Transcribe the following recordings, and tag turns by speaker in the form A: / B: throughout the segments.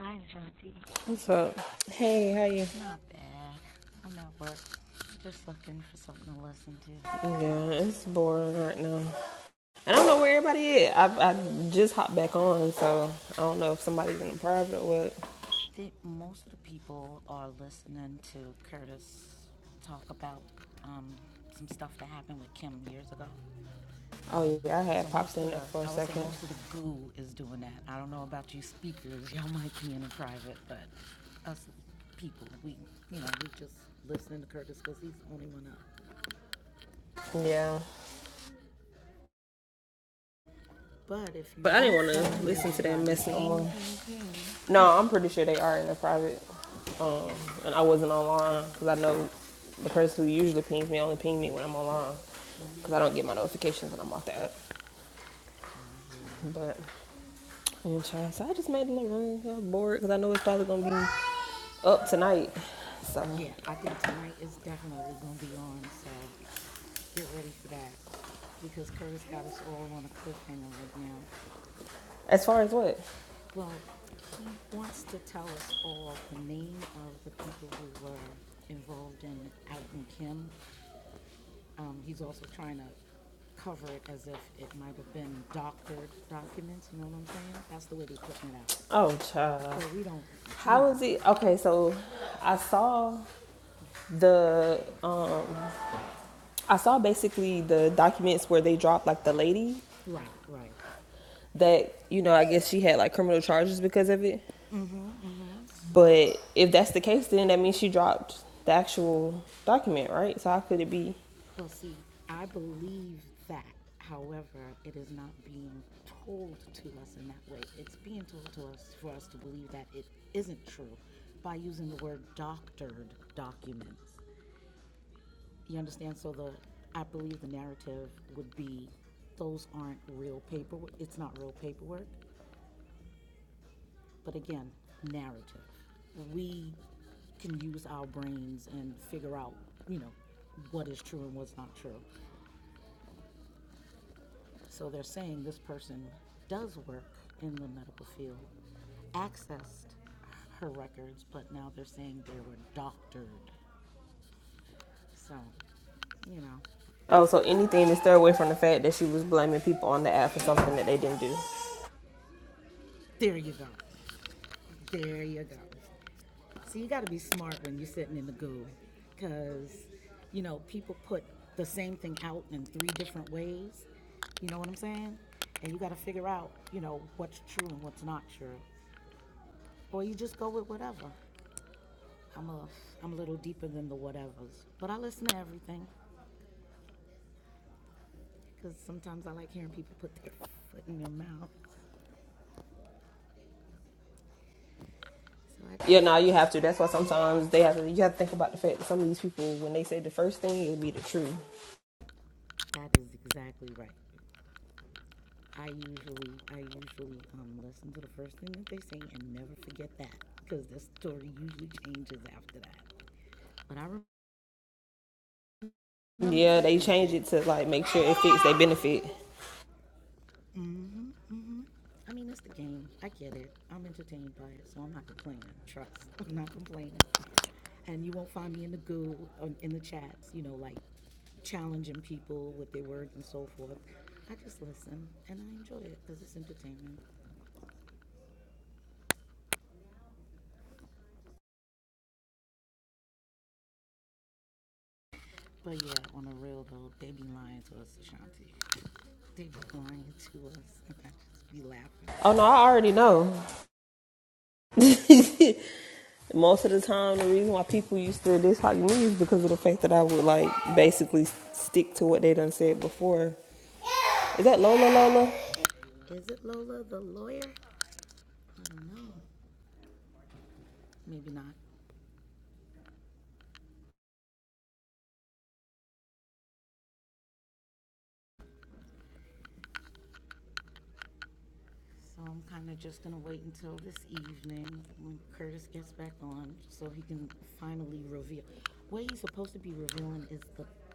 A: Hi, Ashanti.
B: What's up? Hey, how you?
A: Not bad. I'm at work. Just looking for something to listen to.
B: Yeah, it's boring right now. And I don't know where everybody is. I, I just hopped back on, so I don't know if somebody's in the private or what.
A: I think most of the people are listening to Curtis talk about um, some stuff that happened with Kim years ago.
B: Oh, yeah, I
A: So
B: had popped
A: most
B: in
A: of
B: there
A: the,
B: for a
A: I would say
B: second.
A: most of the goo that, I don't know about you speakers, y'all might be in the private, but us people, we, you know, we just listening to Curtis because he's the only one up.
B: Yeah.
A: But if you
B: But I
A: do
B: didn't want to
A: find
B: listen to that
A: everybody,
B: mess no
A: ping,
B: more.
A: ping, ping,
B: No, I'm pretty sure they are in the private. Um,
A: here,
B: and
A: oh,
B: I wasn't online because I know the person who usually pings me only pings me when I'm online because I don't get my notifications when I'm off the app.
A: I want to hear you.
B: But, yeah, child, so I just made a little room. I'm bored because I know it's probably going to be up tonight. So,
A: Yeah, I think tonight is definitely going to be on, so get ready for that. Because Curtis got us all on a cliffhanger right now.
B: as far as what?
A: Well, he wants to tell us all the name of the people who were involved in Elton Kim. Um, he's also trying to cover it as if it might have been doctored documents, you know what I'm saying? That's the way they're putting it out.
B: Oh, child.
A: But we don't, you
B: How
A: know,
B: is it? Okay, so I saw the um, I saw basically the documents where they dropped like the lady
A: right, right.
B: that you know I guess she had like criminal charges because of it.
A: Mm-hmm, mm-hmm.
B: But if that's the case, then that means she dropped the actual document, right? So how could it be?
A: Well, see, I believe that. However, it is not being told to us in that way. It's being told to us for us to believe that it isn't true by using the word doctored documents. You understand? So the I believe the narrative would be those aren't real paperwork. It's not real paperwork. But again, narrative. We can use our brains and figure out, you know, what is true and what's not true. So they're saying this person does work in the medical field, accessed her records, but now they're saying they were doctored. So, you know,
B: Oh, so anything to steer away from the fact that she was blaming people on the app for something that they didn't do.
A: there you go. There you go. So you got to be smart when you're sitting in the goo because, you know, people put the same thing out in three different ways. You know what I'm saying? And you got to figure out, you know, what's true and what's not true. Or you just go with whatever. I'm a I'm a little deeper than the whatevers, but I listen to everything because sometimes I like hearing people put their foot in their mouth. So I just
B: Yeah, no, you have to. That's why sometimes they have to. You have to think about the fact that some of these people, when they say the first thing, it'll be the truth.
A: that is exactly right. I usually I usually um, listen to the first thing that they say and never forget that because the story usually changes after that. But I remember the
B: Yeah,
A: first
B: they
A: thing you
B: change
A: said.
B: it to like make sure it fits their benefit.
A: I mean, it's the game. I get it. I'm entertained by it, so I'm not complaining. Trust. I'm not complaining. And you won't find me in the goo, on- in the chats, you know, like challenging people with their words and so forth. I just listen and I enjoy it because it's entertainment. But yeah, on the real though, they be lying to us, Ashanti. They be lying to us, and I just be laughing.
B: Oh no, I already know. Most of the time, the reason why people used to dislike me is because of the fact that I would like basically stick to what they done said before. Is that Lola Lola?
A: Is it Lola the lawyer? I don't know. Maybe not. So I'm kind of just going to wait until this evening when Curtis gets back on so he can finally reveal. What he's supposed to be revealing is the,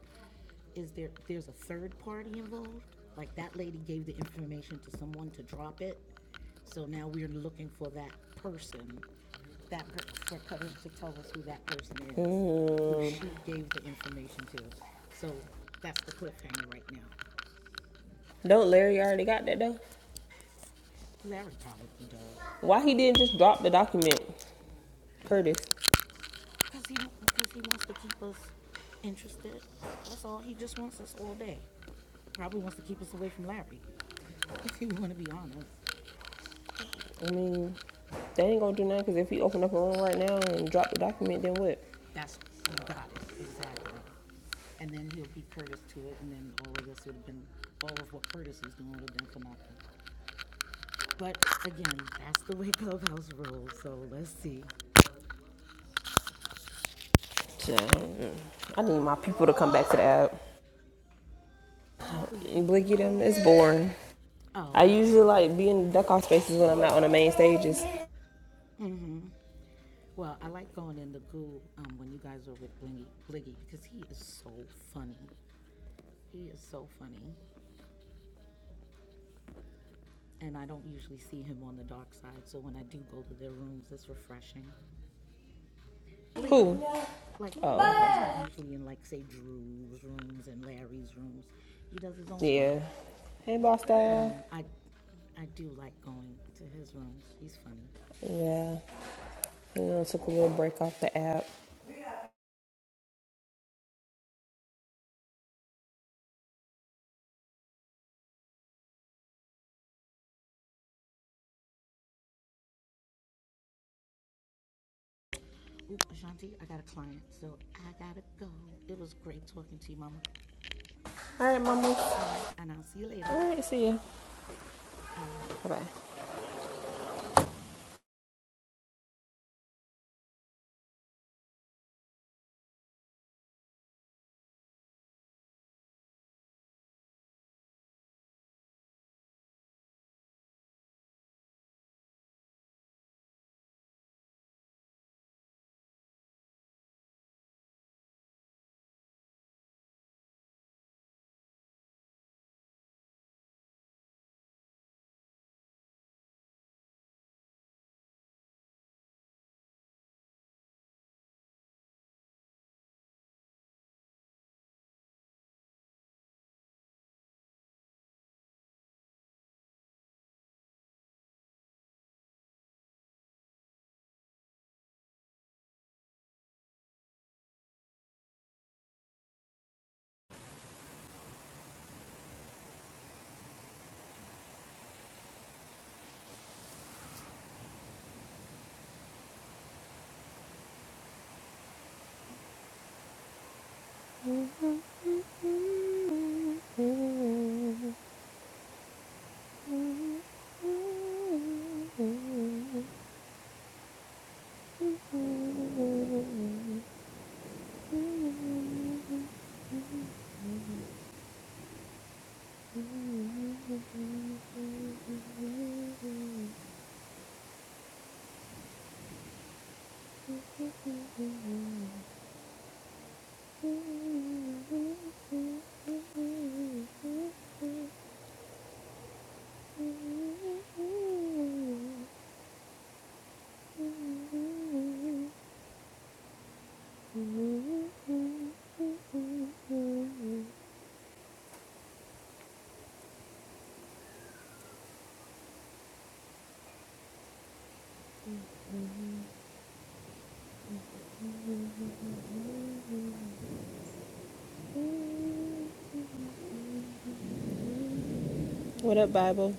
A: is there, there's a third party involved? Like that lady gave the information to someone to drop it. So now we're looking for that person, that, for Curtis to tell us who that person is,
B: Mm.
A: who she gave the information to. So that's the cliffhanger right now.
B: Don't Larry already got that though?
A: Larry probably does.
B: Why he didn't just drop the document, Curtis?
A: Cause he, cause he wants to keep us interested. That's all. He just wants us all day. Probably wants to keep us away from Larry. If you want to be honest,
B: I mean, They ain't gonna do nothing because if we open up a room right now and drop the document, then what?
A: that's you got it exactly. And then he'll beat Curtis to it, and then all of this would have been all of what Curtis is doing would have been for nothing. But again, that's the way Clubhouse rolls. So let's see
B: So, mm, I need my people to come back to the app.
A: who your people.
B: Blicky them, it's boring. I
A: Oh, okay.
B: usually like being in the duck off spaces when I'm not on the main stages.
A: hmm Well, I like going in the goo um, when you guys were with Blingy, Bliggy because he is so funny. He is so funny, and I don't usually see him on the dark side, so when I do go to their rooms, it's refreshing. Bliggy,
B: Who?
A: like, you know, he's
B: Oh, okay.
A: not usually in, like, say, Drew's rooms and Larry's rooms. He does his own thing.
B: yeah. Hey, boss
A: But,
B: style.
A: um, I. I do like going to his rooms. He's funny.
B: Yeah. And then I took a little break off the app.
A: Ooh, Ashanti, I got a client, so I gotta go. It was great talking to you, Mama.
B: All right, mama.
A: All right, and I'll see you later.
B: All right, see ya.
A: All right.
B: Bye bye. What up, Bible?